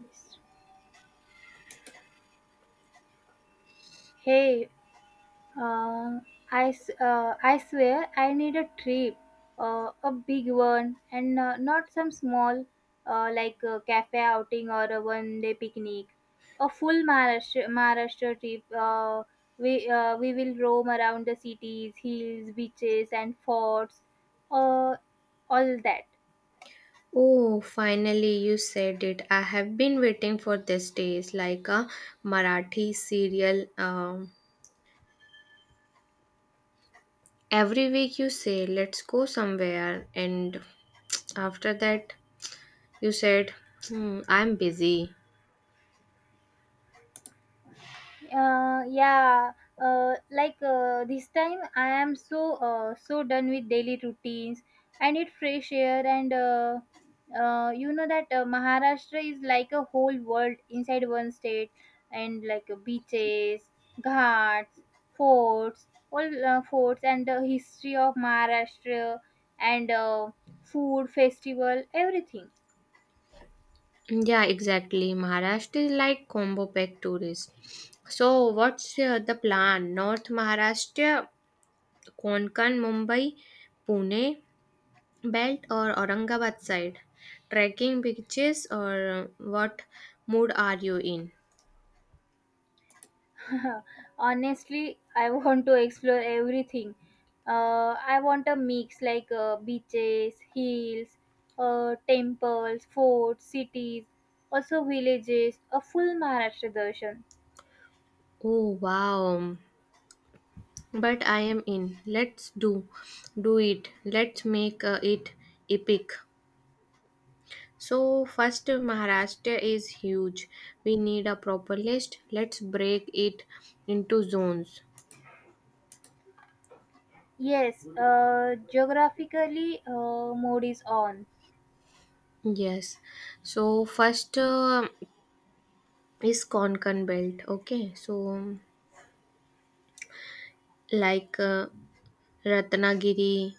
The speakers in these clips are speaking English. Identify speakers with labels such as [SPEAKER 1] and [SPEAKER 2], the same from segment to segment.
[SPEAKER 1] Yes. Hey, uh, I swear I need a trip, a big one, and not some small, like a cafe outing or a one day picnic. A full Maharashtra trip. We will roam around the cities, hills, beaches, and forts, uh, all that.
[SPEAKER 2] Oh, finally you said it. I have been waiting for this day. It's like a Marathi serial. Every week you say, let's go somewhere. And after that, you said, hmm, I'm busy.
[SPEAKER 1] Yeah. This time I am so done with daily routines. I need fresh air, and you know that maharashtra is like a whole world inside one state, and like beaches, ghats, forts, all forts, and the history of Maharashtra, and food festival, everything.
[SPEAKER 2] Yeah, exactly. Maharashtra is like combo pack tourist. So, what's the plan? North Maharashtra, Konkan, Mumbai, Pune belt or Aurangabad side? Trekking beaches, or what mood are you in?
[SPEAKER 1] Honestly, I want to explore everything. I want a mix, like beaches, hills, temples, forts, cities, also villages, a full Maharashtra darshan.
[SPEAKER 2] Oh wow. But I am in. Let's do it. Let's make it epic. So first, Maharashtra is huge. We need a proper list. Let's break it into zones.
[SPEAKER 1] Yes, geographically, mode is on.
[SPEAKER 2] Yes. So first is Konkan belt. Okay. So like Ratnagiri.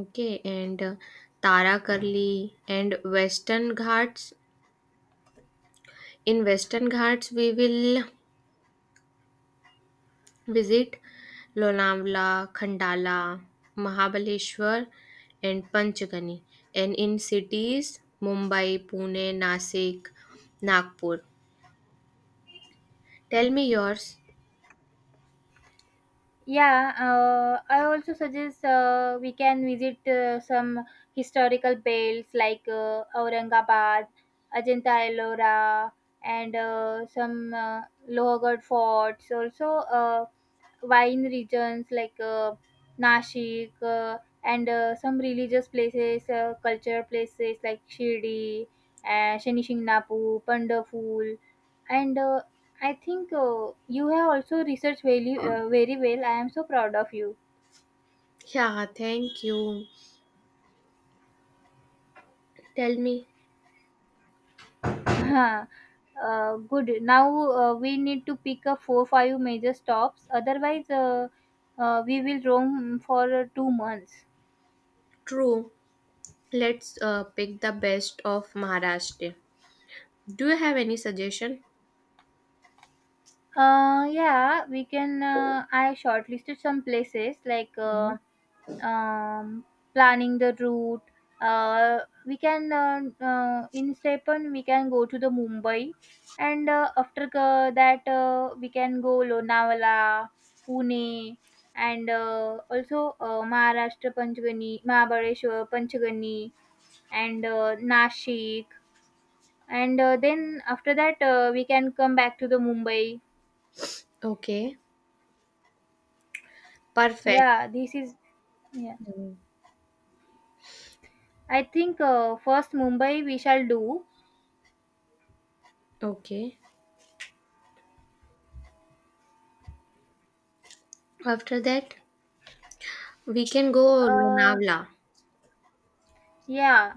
[SPEAKER 2] Okay, and Tarakarli and Western Ghats. In Western Ghats, we will visit Lonavala, Khandala, Mahabaleshwar, and Panchgani. And in cities, Mumbai, Pune, Nasik, Nagpur. Tell me yours.
[SPEAKER 1] Yeah, I also suggest we can visit some historical belts, like Aurangabad, Ajanta Ellora, and some Lohagarh forts. Also, wine regions like Nashik, and some religious places, cultural places like Shirdi, Shani Shingnapu, Pandaful, and I think you have also researched very well. I am so proud of you.
[SPEAKER 2] Yeah, thank you. Tell me.
[SPEAKER 1] uh, Good. Now we need to pick up four five major stops. Otherwise, we will roam for 2 months.
[SPEAKER 2] True. Let's pick the best of Maharashtra. Do you have any suggestion?
[SPEAKER 1] Yeah, we can. I shortlisted some places, like um, planning the route. Uh, we can In Stepan we can go to the Mumbai, and after that we can go Lonavala, Pune, and also Maharashtra Panchgani, Mahabaleshwar Panchgani, and Nashik, and then after that we can come back to the Mumbai.
[SPEAKER 2] Okay, perfect.
[SPEAKER 1] Yeah, this is yeah,
[SPEAKER 2] Hmm.
[SPEAKER 1] I think first Mumbai we shall do.
[SPEAKER 2] Okay. After that, we can go
[SPEAKER 1] Uh,
[SPEAKER 2] Lonavala
[SPEAKER 1] yeah,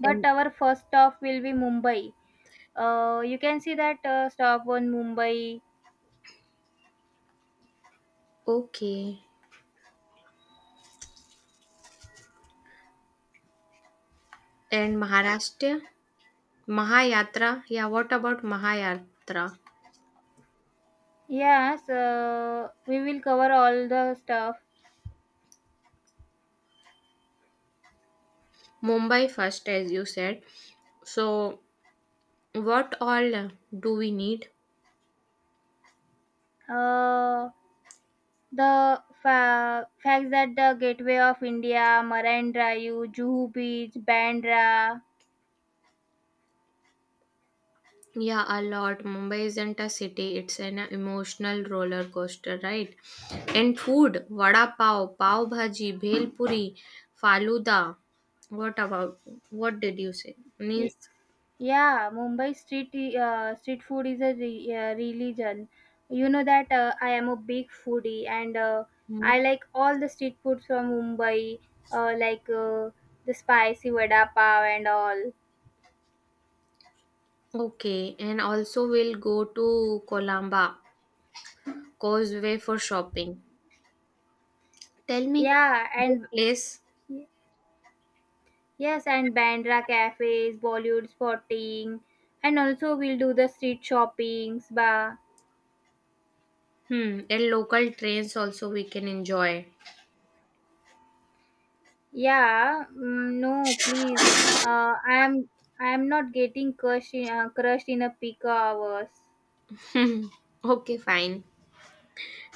[SPEAKER 1] but
[SPEAKER 2] and
[SPEAKER 1] our first stop will be Mumbai. You can see that stop on Mumbai.
[SPEAKER 2] okay, and Maharashtra Mahayatra. Yeah, what about Mahayatra?
[SPEAKER 1] Yes, we will cover all the stuff.
[SPEAKER 2] Mumbai first, as you said. So, what all do we need?
[SPEAKER 1] Uh, the facts that the Gateway of India, Marine Drive, Juhu Beach, Bandra.
[SPEAKER 2] Yeah, a lot. Mumbai isn't a city; it's an emotional roller coaster, right? And food: vada pav, pav bhaji, bhel puri, faluda. What about? What did you say? Means.
[SPEAKER 1] Yeah, Mumbai street food is a religion. You know that I am a big foodie, and I like all the street food from Mumbai, like the spicy vada pav and all.
[SPEAKER 2] Okay, and also we'll go to Colamba Causeway for shopping. Tell me,
[SPEAKER 1] Yeah,
[SPEAKER 2] the
[SPEAKER 1] and
[SPEAKER 2] place.
[SPEAKER 1] Yes, and Bandra cafes, Bollywood spotting, and also we'll do the street shoppings. Bah,
[SPEAKER 2] Hmm, and local trains also we can enjoy.
[SPEAKER 1] yeah, mm, no, please. Uh, I am I am not crushed in a peak hours.
[SPEAKER 2] Okay, fine.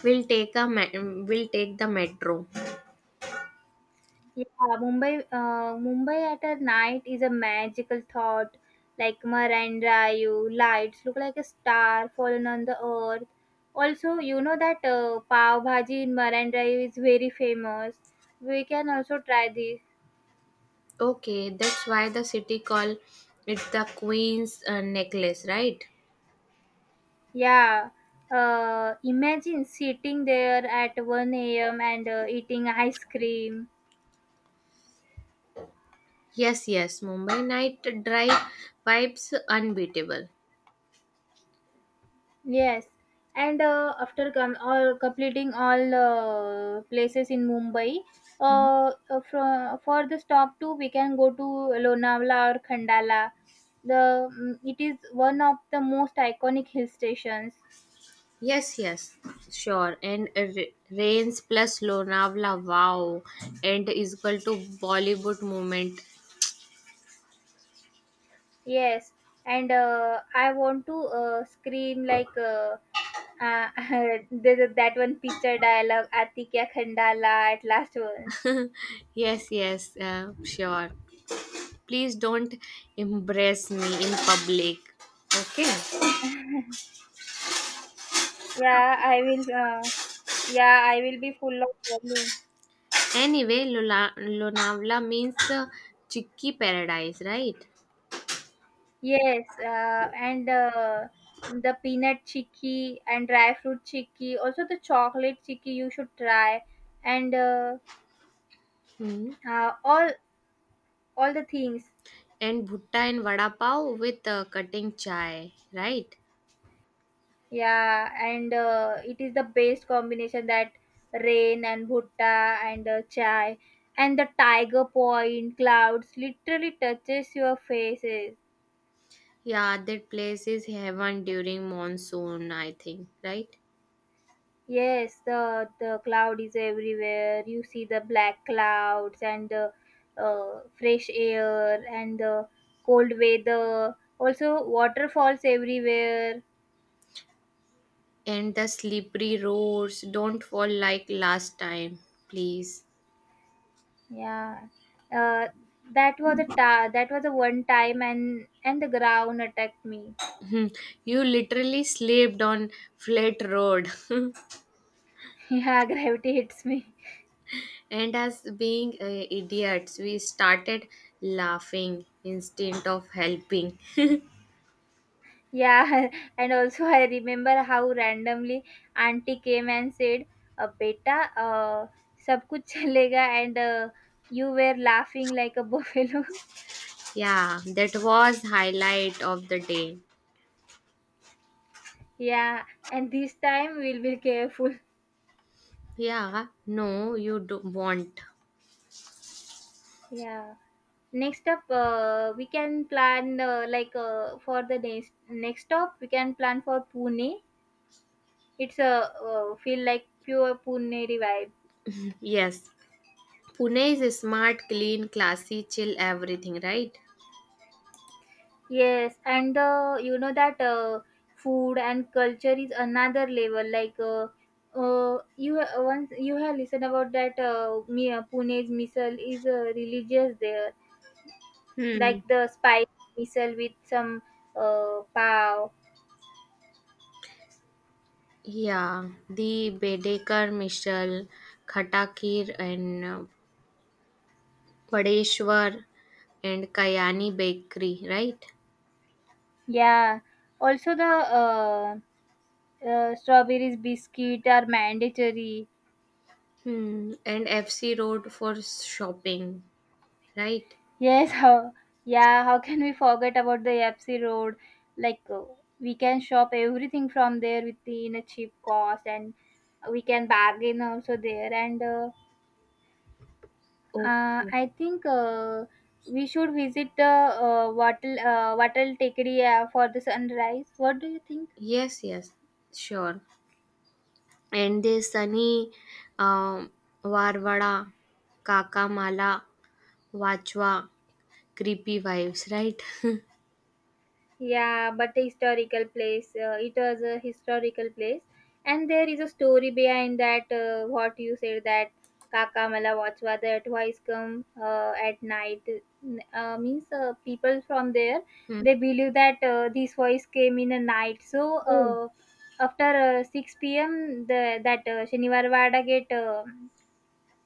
[SPEAKER 2] We'll take a me- we'll take the metro.
[SPEAKER 1] Yeah, Mumbai at a night is a magical thought. Like Marine Drive, lights look like a star fallen on the earth. Also, you know that pav bhaji in Marine Drive is very famous. We can also try this.
[SPEAKER 2] Okay, that's why the city call it the Queen's Necklace, right?
[SPEAKER 1] Yeah. Imagine sitting there at 1 a.m. and eating ice cream.
[SPEAKER 2] Yes, yes. Mumbai night drive vibes unbeatable.
[SPEAKER 1] Yes, and after all completing all places in Mumbai, uh, from for the stop two we can go to Lonavala or Khandala. It is one of the most iconic hill stations.
[SPEAKER 2] Yes, yes, sure. And Rains plus Lonavala, wow, and is equal to Bollywood moment.
[SPEAKER 1] Yes, and I want to scream, like uh, that one picture dialogue, Ati kya Khandala at last one.
[SPEAKER 2] Yes, yes, sure. Please don't embrace me in public. Okay.
[SPEAKER 1] Yeah, I will. Yeah, I will be full of volume.
[SPEAKER 2] Anyway, Lonavala means chicky paradise, right?
[SPEAKER 1] Yes, and the peanut chicky and dry fruit chicky, also the chocolate chicky you should try, and
[SPEAKER 2] Hmm.
[SPEAKER 1] uh, all all the things.
[SPEAKER 2] And bhutta and vada pav with cutting chai, right?
[SPEAKER 1] Yeah, and it is the best combination, that rain and bhutta and chai, and the tiger point clouds literally touches your faces.
[SPEAKER 2] Yeah, that place is heaven during monsoon, I think, right?
[SPEAKER 1] Yes, the cloud is everywhere. You see the black clouds and the fresh air and the cold weather. Also, waterfalls everywhere.
[SPEAKER 2] And the slippery roads, don't fall like last time, please.
[SPEAKER 1] Yeah, uh, that was a one time, and the ground attacked me.
[SPEAKER 2] Hmm, you literally slipped on flat road.
[SPEAKER 1] Yeah, gravity hits me.
[SPEAKER 2] And as being idiots, we started laughing instead of helping.
[SPEAKER 1] Yeah, and also I remember how randomly auntie came and said, "Beta, सब कुछ चलेगा," and you were laughing like a buffalo.
[SPEAKER 2] Yeah, that was highlight of the day.
[SPEAKER 1] Yeah, and this time we'll be careful.
[SPEAKER 2] Yeah, no, you do want.
[SPEAKER 1] Yeah. Next up, we can plan like for the next stop, we can plan for Pune. It's a feel like pure Pune vibe.
[SPEAKER 2] Yes. Pune is a smart, clean, classy, chill everything, right?
[SPEAKER 1] Yes, and you know that food and culture is another level. Like, once you have listened about that, Pune's missile is religious there,
[SPEAKER 2] Hmm.
[SPEAKER 1] like the spice missile with some pav.
[SPEAKER 2] Yeah, the Bedekar Mishal, Khatakir, and Padeshwar and Kayani Bakery, right?
[SPEAKER 1] Yeah, also the strawberries biscuit are mandatory.
[SPEAKER 2] Hmm. And FC Road for shopping, right?
[SPEAKER 1] Yes, yeah, how can we forget about the Epsi Road? Like, we can shop everything from there within a cheap cost, and we can bargain also there. And
[SPEAKER 2] Okay.
[SPEAKER 1] I think we should visit the Wattle Takery for the sunrise. What do you think?
[SPEAKER 2] Yes, yes, sure. And the sunny um, Varvada, Kakamala, Vachwa, creepy vibes, right?
[SPEAKER 1] Yeah, but a historical place. It was a historical place, and there is a story behind that. What you said, that Kaka Mala Vachva, that voice come at night. Means people from there,
[SPEAKER 2] Hmm.
[SPEAKER 1] they believe that this voice came in a night. So
[SPEAKER 2] Oh,
[SPEAKER 1] after six p.m. the that Shanivar Vada get uh,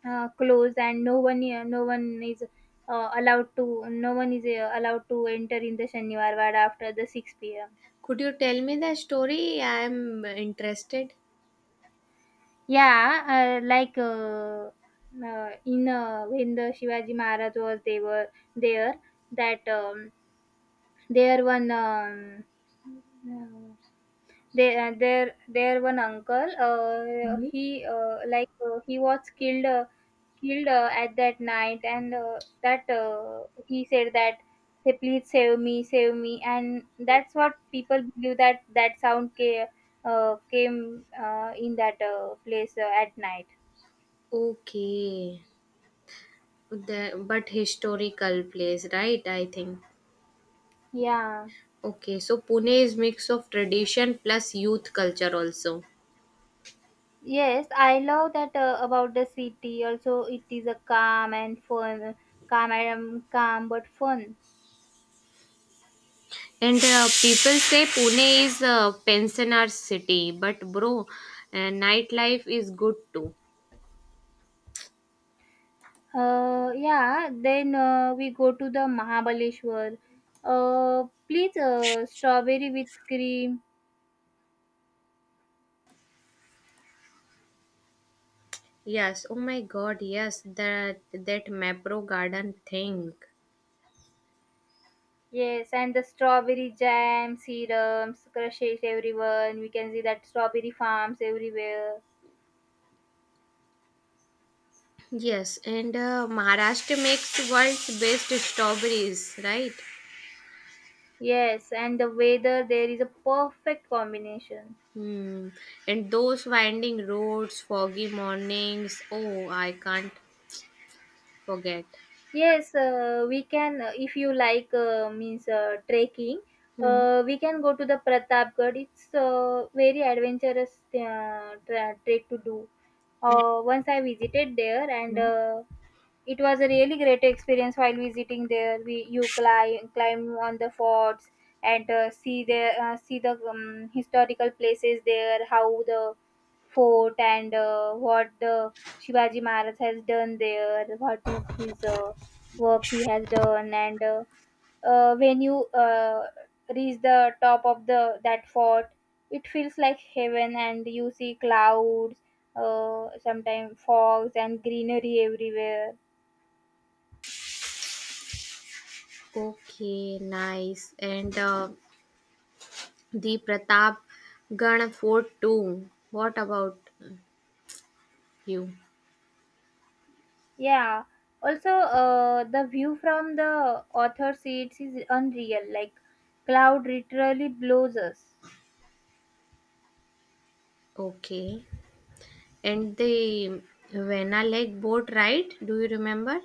[SPEAKER 1] uh, closed, and no one is allowed to no one is allowed to enter in the Shaniwar Ward after the 6 p.m.
[SPEAKER 2] could you tell me the story? I am interested.
[SPEAKER 1] Yeah, uh, like uh, in when the Shivaji Maharaj was they were there, that there one, uh, they their one uncle. He was killed at that night, and that he said that, say please save me, and that's what people believe, that that sound came in that place at night.
[SPEAKER 2] Okay. The, but historical place, right? I think.
[SPEAKER 1] Yeah.
[SPEAKER 2] Okay, so Pune is mix of tradition plus youth culture also.
[SPEAKER 1] Yes, I love that about the city. Also, it is a calm and fun, calm but fun.
[SPEAKER 2] And people say Pune is a pensioner city, but bro, nightlife is good too.
[SPEAKER 1] Yeah, then we go to the Mahabaleshwar. Please, strawberry with cream.
[SPEAKER 2] Yes. Oh my God. Yes. That Mapro Garden thing.
[SPEAKER 1] Yes, and the strawberry jam, serums, crushes everyone. We can see that strawberry farms everywhere.
[SPEAKER 2] Yes. And Maharashtra makes world's best strawberries, right?
[SPEAKER 1] Yes, and the weather there is a perfect combination.
[SPEAKER 2] Hmm. And those winding roads, foggy mornings. Oh, I can't forget.
[SPEAKER 1] Yes, if you like, means trekking,
[SPEAKER 2] Hmm.
[SPEAKER 1] we can go to the Pratapgarh. It's a very adventurous trek to do. Once I visited there, and
[SPEAKER 2] Yeah.
[SPEAKER 1] it was a really great experience while visiting there. We You climb on the forts and see the, historical places there, how the fort, and what the Shivaji Maharaj has done there, what his work he has done, and when you reach the top of the that fort, it feels like heaven, and you see clouds, sometimes fogs, and greenery everywhere.
[SPEAKER 2] Okay, nice. And the Pratap Gana Fort too. What about you?
[SPEAKER 1] Yeah. Also, the view from the author seats is unreal. Like cloud literally blows us.
[SPEAKER 2] Okay. And the Vena Lake boat ride, do you remember?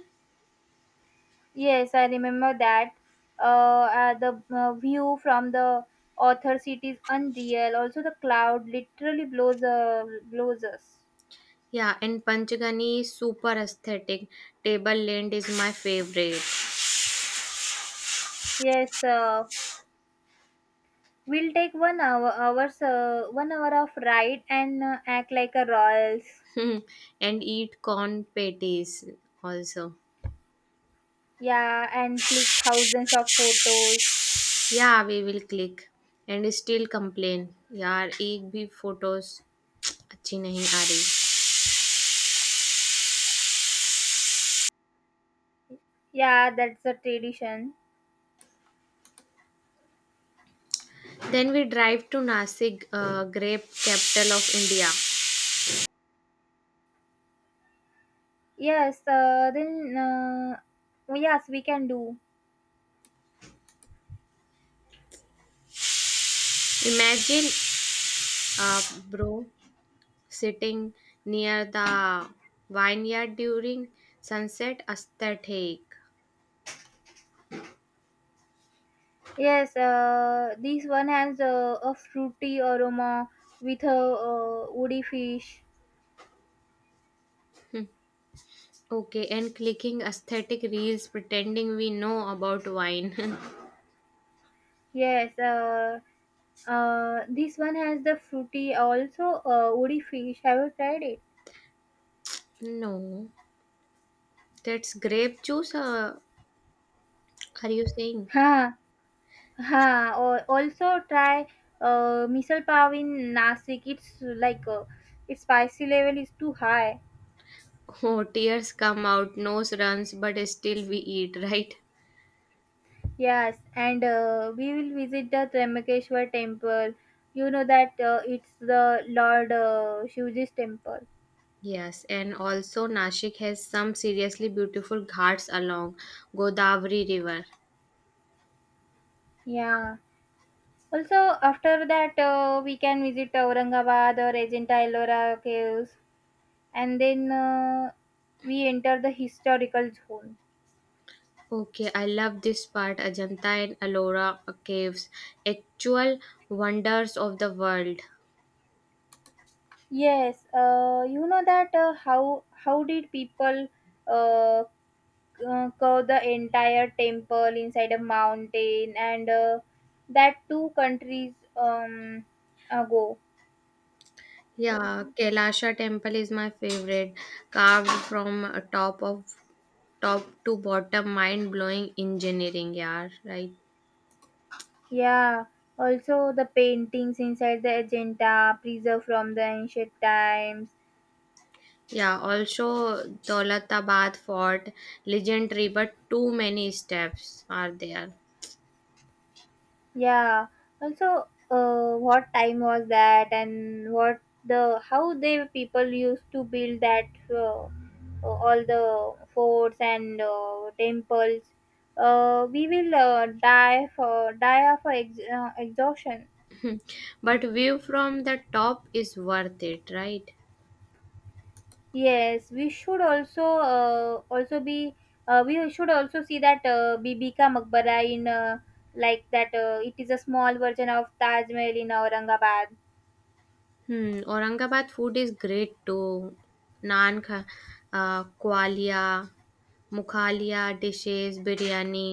[SPEAKER 1] Yes, I remember that. The view from the author seat is unreal. Also, the cloud literally blows us.
[SPEAKER 2] Yeah, and Panchgani is super aesthetic. Table land is my favorite.
[SPEAKER 1] Yes, we'll take 1 hour of ride, and act like a royals.
[SPEAKER 2] And eat corn patties also.
[SPEAKER 1] Yeah, and click thousands of photos.
[SPEAKER 2] Yeah we will click and still complain यार एक भी photos अच्छी नहीं आ रही
[SPEAKER 1] Yeah, that's the tradition.
[SPEAKER 2] Then we drive to Nashik grape capital of India
[SPEAKER 1] Yes, then oh, yes, we can do.
[SPEAKER 2] Imagine bro sitting near the vineyard during sunset aesthetic.
[SPEAKER 1] Yes, this one has a fruity aroma with a woody fish.
[SPEAKER 2] Okay, and clicking aesthetic reels pretending we know about wine.
[SPEAKER 1] Yes, this one has the fruity, also woody fish. Have you tried it?
[SPEAKER 2] No, that's grape juice, are you saying?
[SPEAKER 1] Ha, ha. Or also try misal pav in Nasik. It's like Its spicy level is too high.
[SPEAKER 2] Oh, tears come out, nose runs, but still we eat, right?
[SPEAKER 1] Yes, and we will visit the Trimbakeshwar temple. You know that it's the Lord Shivaji's temple.
[SPEAKER 2] Yes, and also Nashik has some seriously beautiful ghats along Godavari River.
[SPEAKER 1] Yeah. Also, after that, we can visit Aurangabad or Ajanta Ellora caves, and then we enter the historical zone.
[SPEAKER 2] Okay, I love this part, Ajanta and Ellora caves, actual wonders of the world.
[SPEAKER 1] Yes, you know that, how did people uh, curve the entire temple inside a mountain, and that two countries ago. Sorry,
[SPEAKER 2] Yeah,
[SPEAKER 1] sorry.
[SPEAKER 2] Kailasha temple is my favorite, carved from top to bottom, mind blowing engineering, yeah, right.
[SPEAKER 1] Yeah, also the paintings inside the Ajanta preserved from the ancient times.
[SPEAKER 2] Yeah, also Daulatabad Fort, legendary, but too many steps are there.
[SPEAKER 1] Yeah. Also, what time was that, and what the how they people used to build that, all the forts and temples. We will die of exhaustion.
[SPEAKER 2] But view from the top is worth it, right?
[SPEAKER 1] Yes, we should also see that Bibi Ka Maqbara in, like that it is a small version of Taj Mahal in Aurangabad.
[SPEAKER 2] Hmm, Aurangabad food is great too. Naan, kha, kwalia, mukhalia dishes, biryani.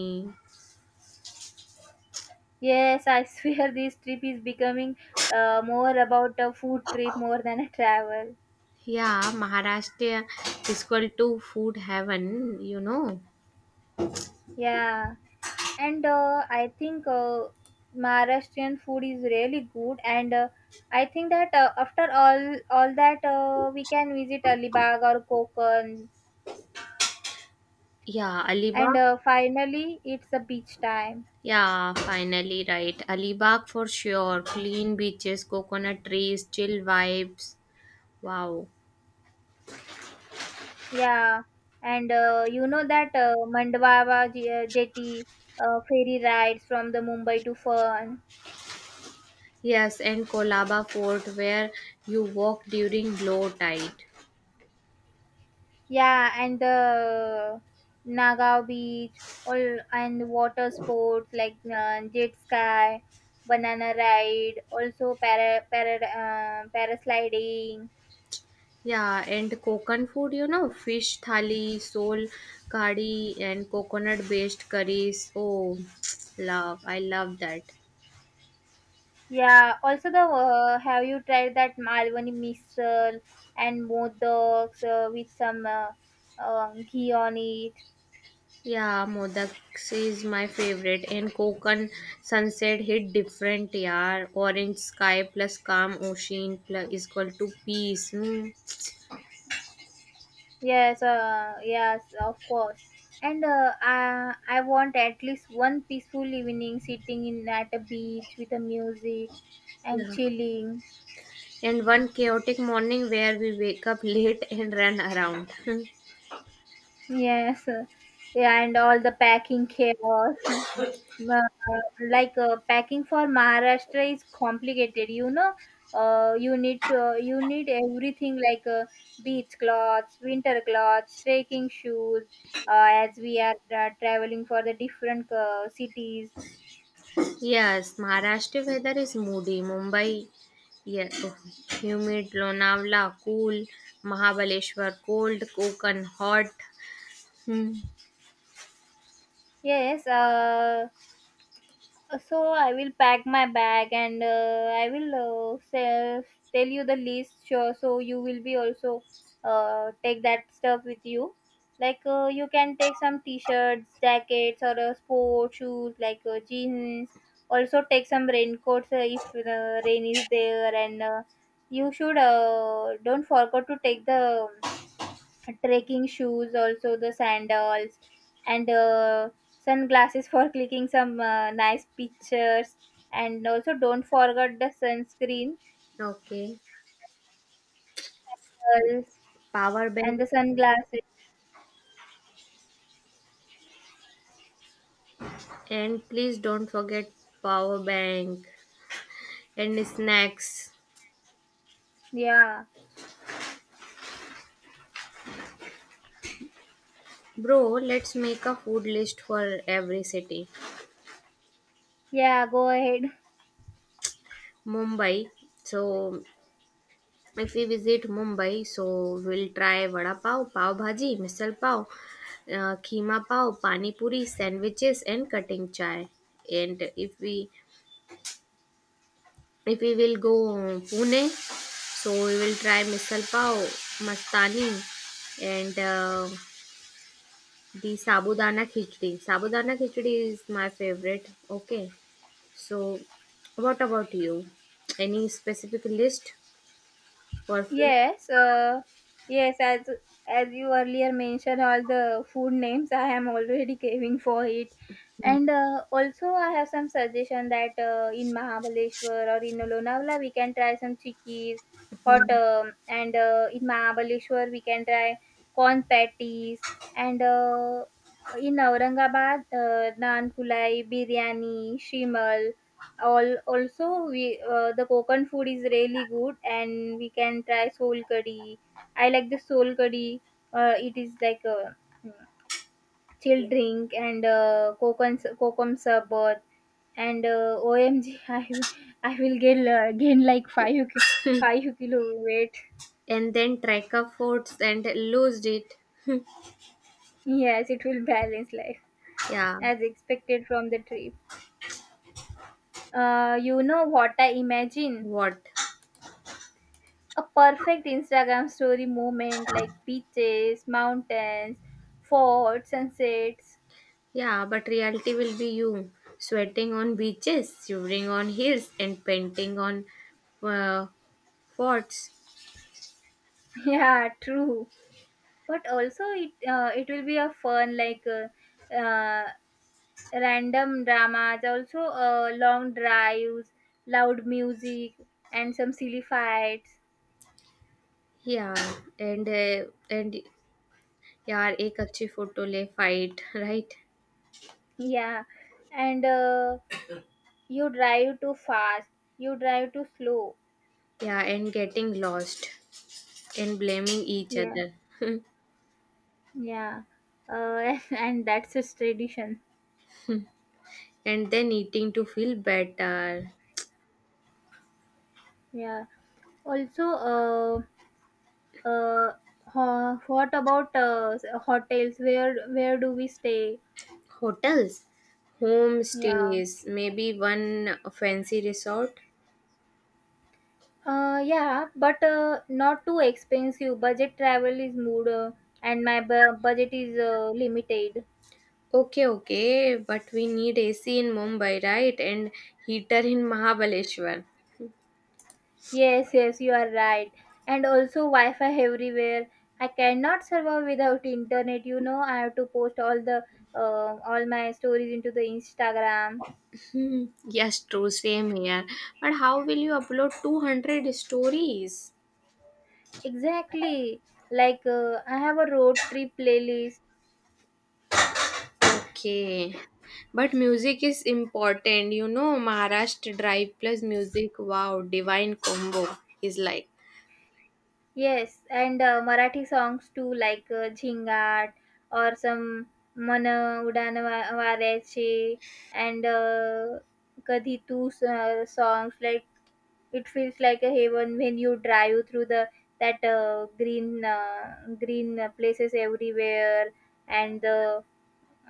[SPEAKER 1] Yes, I swear this trip is becoming more about a food trip more than a travel.
[SPEAKER 2] Yeah, Maharashtra is equal to food heaven, you know.
[SPEAKER 1] Yeah, and I think Maharashtrian food is really good, and I think that after all that we can visit Alibag or Konkan,
[SPEAKER 2] Yeah,
[SPEAKER 1] and
[SPEAKER 2] Alibaba.
[SPEAKER 1] finally it's a beach time.
[SPEAKER 2] Yeah, finally, right. Alibag for sure. Clean beaches, coconut trees, chill vibes. Wow.
[SPEAKER 1] Yeah, and you know that Mandava jetty ferry rides from the Mumbai to Fern.
[SPEAKER 2] Yes, and Kolaba Fort where you walk during low tide.
[SPEAKER 1] Yeah, and the Nagao beach, all and water sports like jet sky, banana ride, also parasliding.
[SPEAKER 2] Yeah, and Kokan food, you know, fish thali, sole kadi, and coconut based curries. Oh, love. I love that.
[SPEAKER 1] Yeah, also the have you tried that Malwani missile and modaks with some ghee on it?
[SPEAKER 2] Yeah, Modak is my favorite, and Konkan sunset hit different yaar. Orange sky plus calm ocean plus is equal to peace. Hmm.
[SPEAKER 1] Yes, of course. And I want at least one peaceful evening sitting in at a beach with the music and
[SPEAKER 2] Yeah.
[SPEAKER 1] chilling.
[SPEAKER 2] And one chaotic morning where we wake up late and run around.
[SPEAKER 1] Yes, uh, yeah, and all the packing chaos. Uh, Packing for Maharashtra is complicated. You know, you need everything like beach clothes, winter clothes, trekking shoes. As we are traveling for the different cities.
[SPEAKER 2] Yes, Maharashtra weather is moody. Mumbai, yeah, oh, humid. Lonavala, cool. Mahabaleshwar, cold. Konkan, hot. Hmm.
[SPEAKER 1] Yes, uh, so I will pack my bag and I will tell you the list, sure. So you will be also take that stuff with you. You can take some t-shirts, jackets, or sport shoes like jeans. Also take some raincoats if the rain is there, and you should don't forget to take the trekking shoes, also the sandals and sunglasses for clicking some nice pictures, and also don't forget the sunscreen,
[SPEAKER 2] Okay.
[SPEAKER 1] girls,
[SPEAKER 2] Power bank.
[SPEAKER 1] and the sunglasses.
[SPEAKER 2] And please don't forget power bank and snacks.
[SPEAKER 1] Yeah.
[SPEAKER 2] Bro, let's make a food list for every city.
[SPEAKER 1] Yeah, go ahead.
[SPEAKER 2] Mumbai. So if we visit Mumbai, so we'll try vada pav, pav bhaji, misal pav, keema pav, pani puri, sandwiches, and cutting chai. And if we will go Pune, so we will try misal pav, mastani, and the sabudana khichdi. Sabudana khichdi is my favorite. Okay. So, what about you? Any specific list for food?
[SPEAKER 1] Yes, uh, yes. As you earlier mentioned, all the food names I am already craving for it, and also I have some suggestion that in Mahabaleshwar or in Lonavala we can try some chickies, hot,
[SPEAKER 2] Mhm.
[SPEAKER 1] and in Mahabaleshwar we can try corn patties, and in Aurangabad naan kulai, biryani, shimal. All also we the Konkan food is really good, and we can try soul curry. I like the soul curry. It is like a mm, chill drink, and Konkan kokum sarbat, and OMG, I will gain like 5 kilo weight.
[SPEAKER 2] And then tracker foods and lose it.
[SPEAKER 1] Yes, it will balance life
[SPEAKER 2] Yeah.
[SPEAKER 1] as expected from the trip. You know what I imagine?
[SPEAKER 2] What?
[SPEAKER 1] A perfect Instagram story moment, like beaches, mountains, forts, sunsets.
[SPEAKER 2] Yeah, but reality will be you sweating on beaches, shivering on hills, and painting on uh, forts.
[SPEAKER 1] Yeah, true. But also it will be a fun, like uh, random dramas, also long drives, loud music, and some silly fights.
[SPEAKER 2] Yeah, and uh, and यार एक अच्छी photo ले fight right
[SPEAKER 1] Yeah, and you drive too fast, you drive too slow.
[SPEAKER 2] Yeah, and getting lost and blaming each
[SPEAKER 1] Yeah,
[SPEAKER 2] other.
[SPEAKER 1] yeah, and that's just tradition.
[SPEAKER 2] And then eating to feel better.
[SPEAKER 1] Yeah. Also, uh, what about hotels? Where do we stay?
[SPEAKER 2] Hotels, home
[SPEAKER 1] Yeah.
[SPEAKER 2] stays, maybe one fancy resort.
[SPEAKER 1] Yeah, but not too expensive. Budget travel is mood, and my budget is limited.
[SPEAKER 2] Okay, okay, but we need AC in Mumbai, right? And heater in Mahabaleshwar.
[SPEAKER 1] Yes, yes, you are right. And also Wi-Fi everywhere. I cannot survive without internet. You know, I have to post all the all my stories into the Instagram.
[SPEAKER 2] Hmm, yes, true, same here. But how will you upload 200 stories?
[SPEAKER 1] Exactly. I have a road trip playlist.
[SPEAKER 2] Okay. But music is important. You know, Maharashtra Drive plus music. Wow, divine combo is like.
[SPEAKER 1] Yes, and Marathi songs too, like Jhingat, or some Mana Varyache, and Kadhi Tu songs. Like it feels like a heaven when you drive through the that green green places everywhere, and the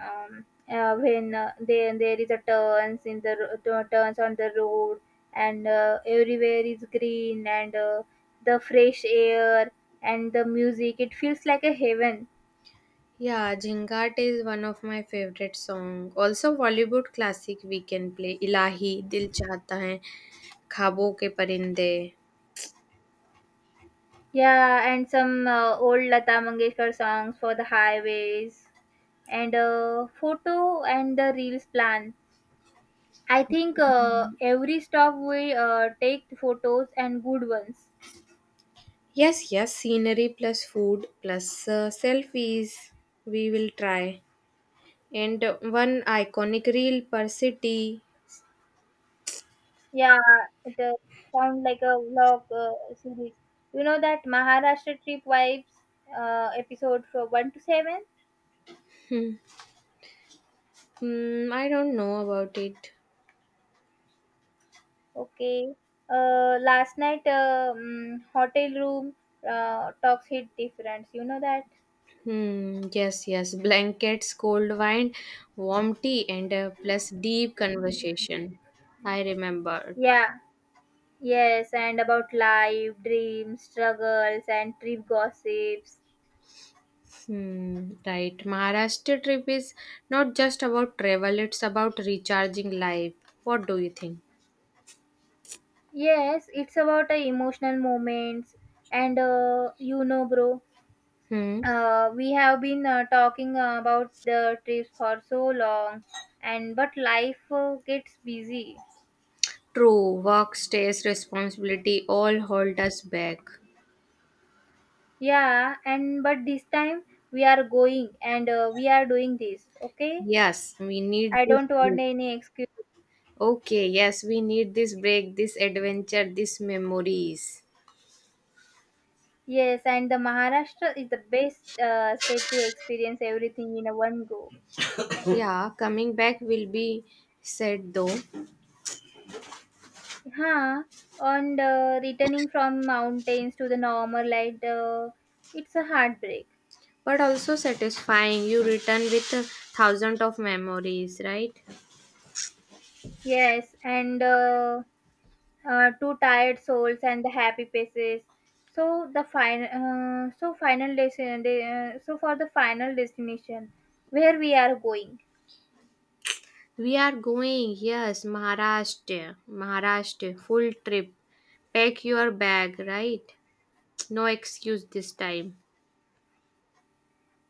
[SPEAKER 1] when there there is a turns in the turns on the road, and everywhere is green, and the fresh air and the music, it feels like a heaven.
[SPEAKER 2] Yeah, Jhingat is one of my favorite song. Also, Bollywood classic we can play. Ilahi, Dil Chahta Hai, Khabo Ke Parinde.
[SPEAKER 1] Yeah, and some old Lata Mangeshkar songs for the highways, and photo and the reels plan. I think every stop we take photos, and good ones.
[SPEAKER 2] Yes, yes, scenery plus food plus selfies. We will try. And one iconic reel per city.
[SPEAKER 1] Yeah, it sound like a vlog series. You know that Maharashtra trip vibes, episode from one to seven.
[SPEAKER 2] Hmm. Hmm, I don't know about it.
[SPEAKER 1] Okay. Last night, hotel room talks hit difference. You know that.
[SPEAKER 2] Hmm, yes, yes. Blankets, cold wine, warm tea, and plus deep conversation. I remembered.
[SPEAKER 1] Yeah. Yes, and about life, dreams, struggles, and trip gossips.
[SPEAKER 2] Hmm, right. Maharashtra trip is not just about travel, it's about recharging life. What do you think?
[SPEAKER 1] Yes, it's about emotional moments, and you know, bro,
[SPEAKER 2] Hmm.
[SPEAKER 1] we have been talking about the trips for so long, and but life gets busy.
[SPEAKER 2] True, work, stress, responsibility all hold us back.
[SPEAKER 1] Yeah, and but this time we are going, and we are doing this. Okay,
[SPEAKER 2] Yes, we need
[SPEAKER 1] I
[SPEAKER 2] this
[SPEAKER 1] don't want
[SPEAKER 2] break.
[SPEAKER 1] any excuse.
[SPEAKER 2] Okay, yes, we need this break, this adventure, these memories.
[SPEAKER 1] Yes, and the Maharashtra is the best state to experience everything in a one go.
[SPEAKER 2] Yeah, coming back will be sad though,
[SPEAKER 1] Huh. And returning from mountains to the normal light, it's a heartbreak.
[SPEAKER 2] but also satisfying. You return with 1,000 of memories, right?
[SPEAKER 1] Yes, and two tired souls and the happy faces. So the final so final destination so for the final destination, where we are going?
[SPEAKER 2] We are going, yes, Maharashtra, Maharashtra, full trip. Pack your bag, right? No excuse this time.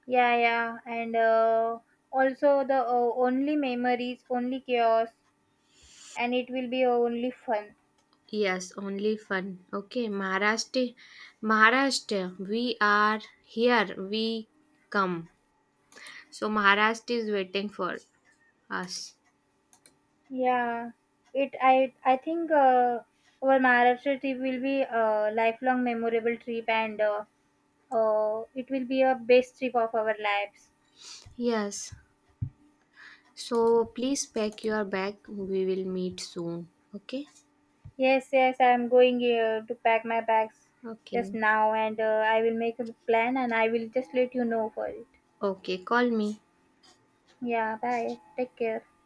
[SPEAKER 1] Yeah, yeah, and also the only memories, only chaos, and it will be only fun.
[SPEAKER 2] Yes, only fun. Okay, Maharashtra, Maharashtra, we are here, we come. So Maharashtra is waiting for us.
[SPEAKER 1] Yeah, it I think our Maharashtra trip will be a lifelong memorable trip, and it will be a best trip of our lives.
[SPEAKER 2] Yes. So please pack your bag. We will meet soon. Okay?
[SPEAKER 1] Yes, yes, I'm going here to pack my bags just
[SPEAKER 2] Okay.
[SPEAKER 1] now, and I will make a plan and I will just let you know for it.
[SPEAKER 2] Okay. Call me.
[SPEAKER 1] Yeah, bye. Take care.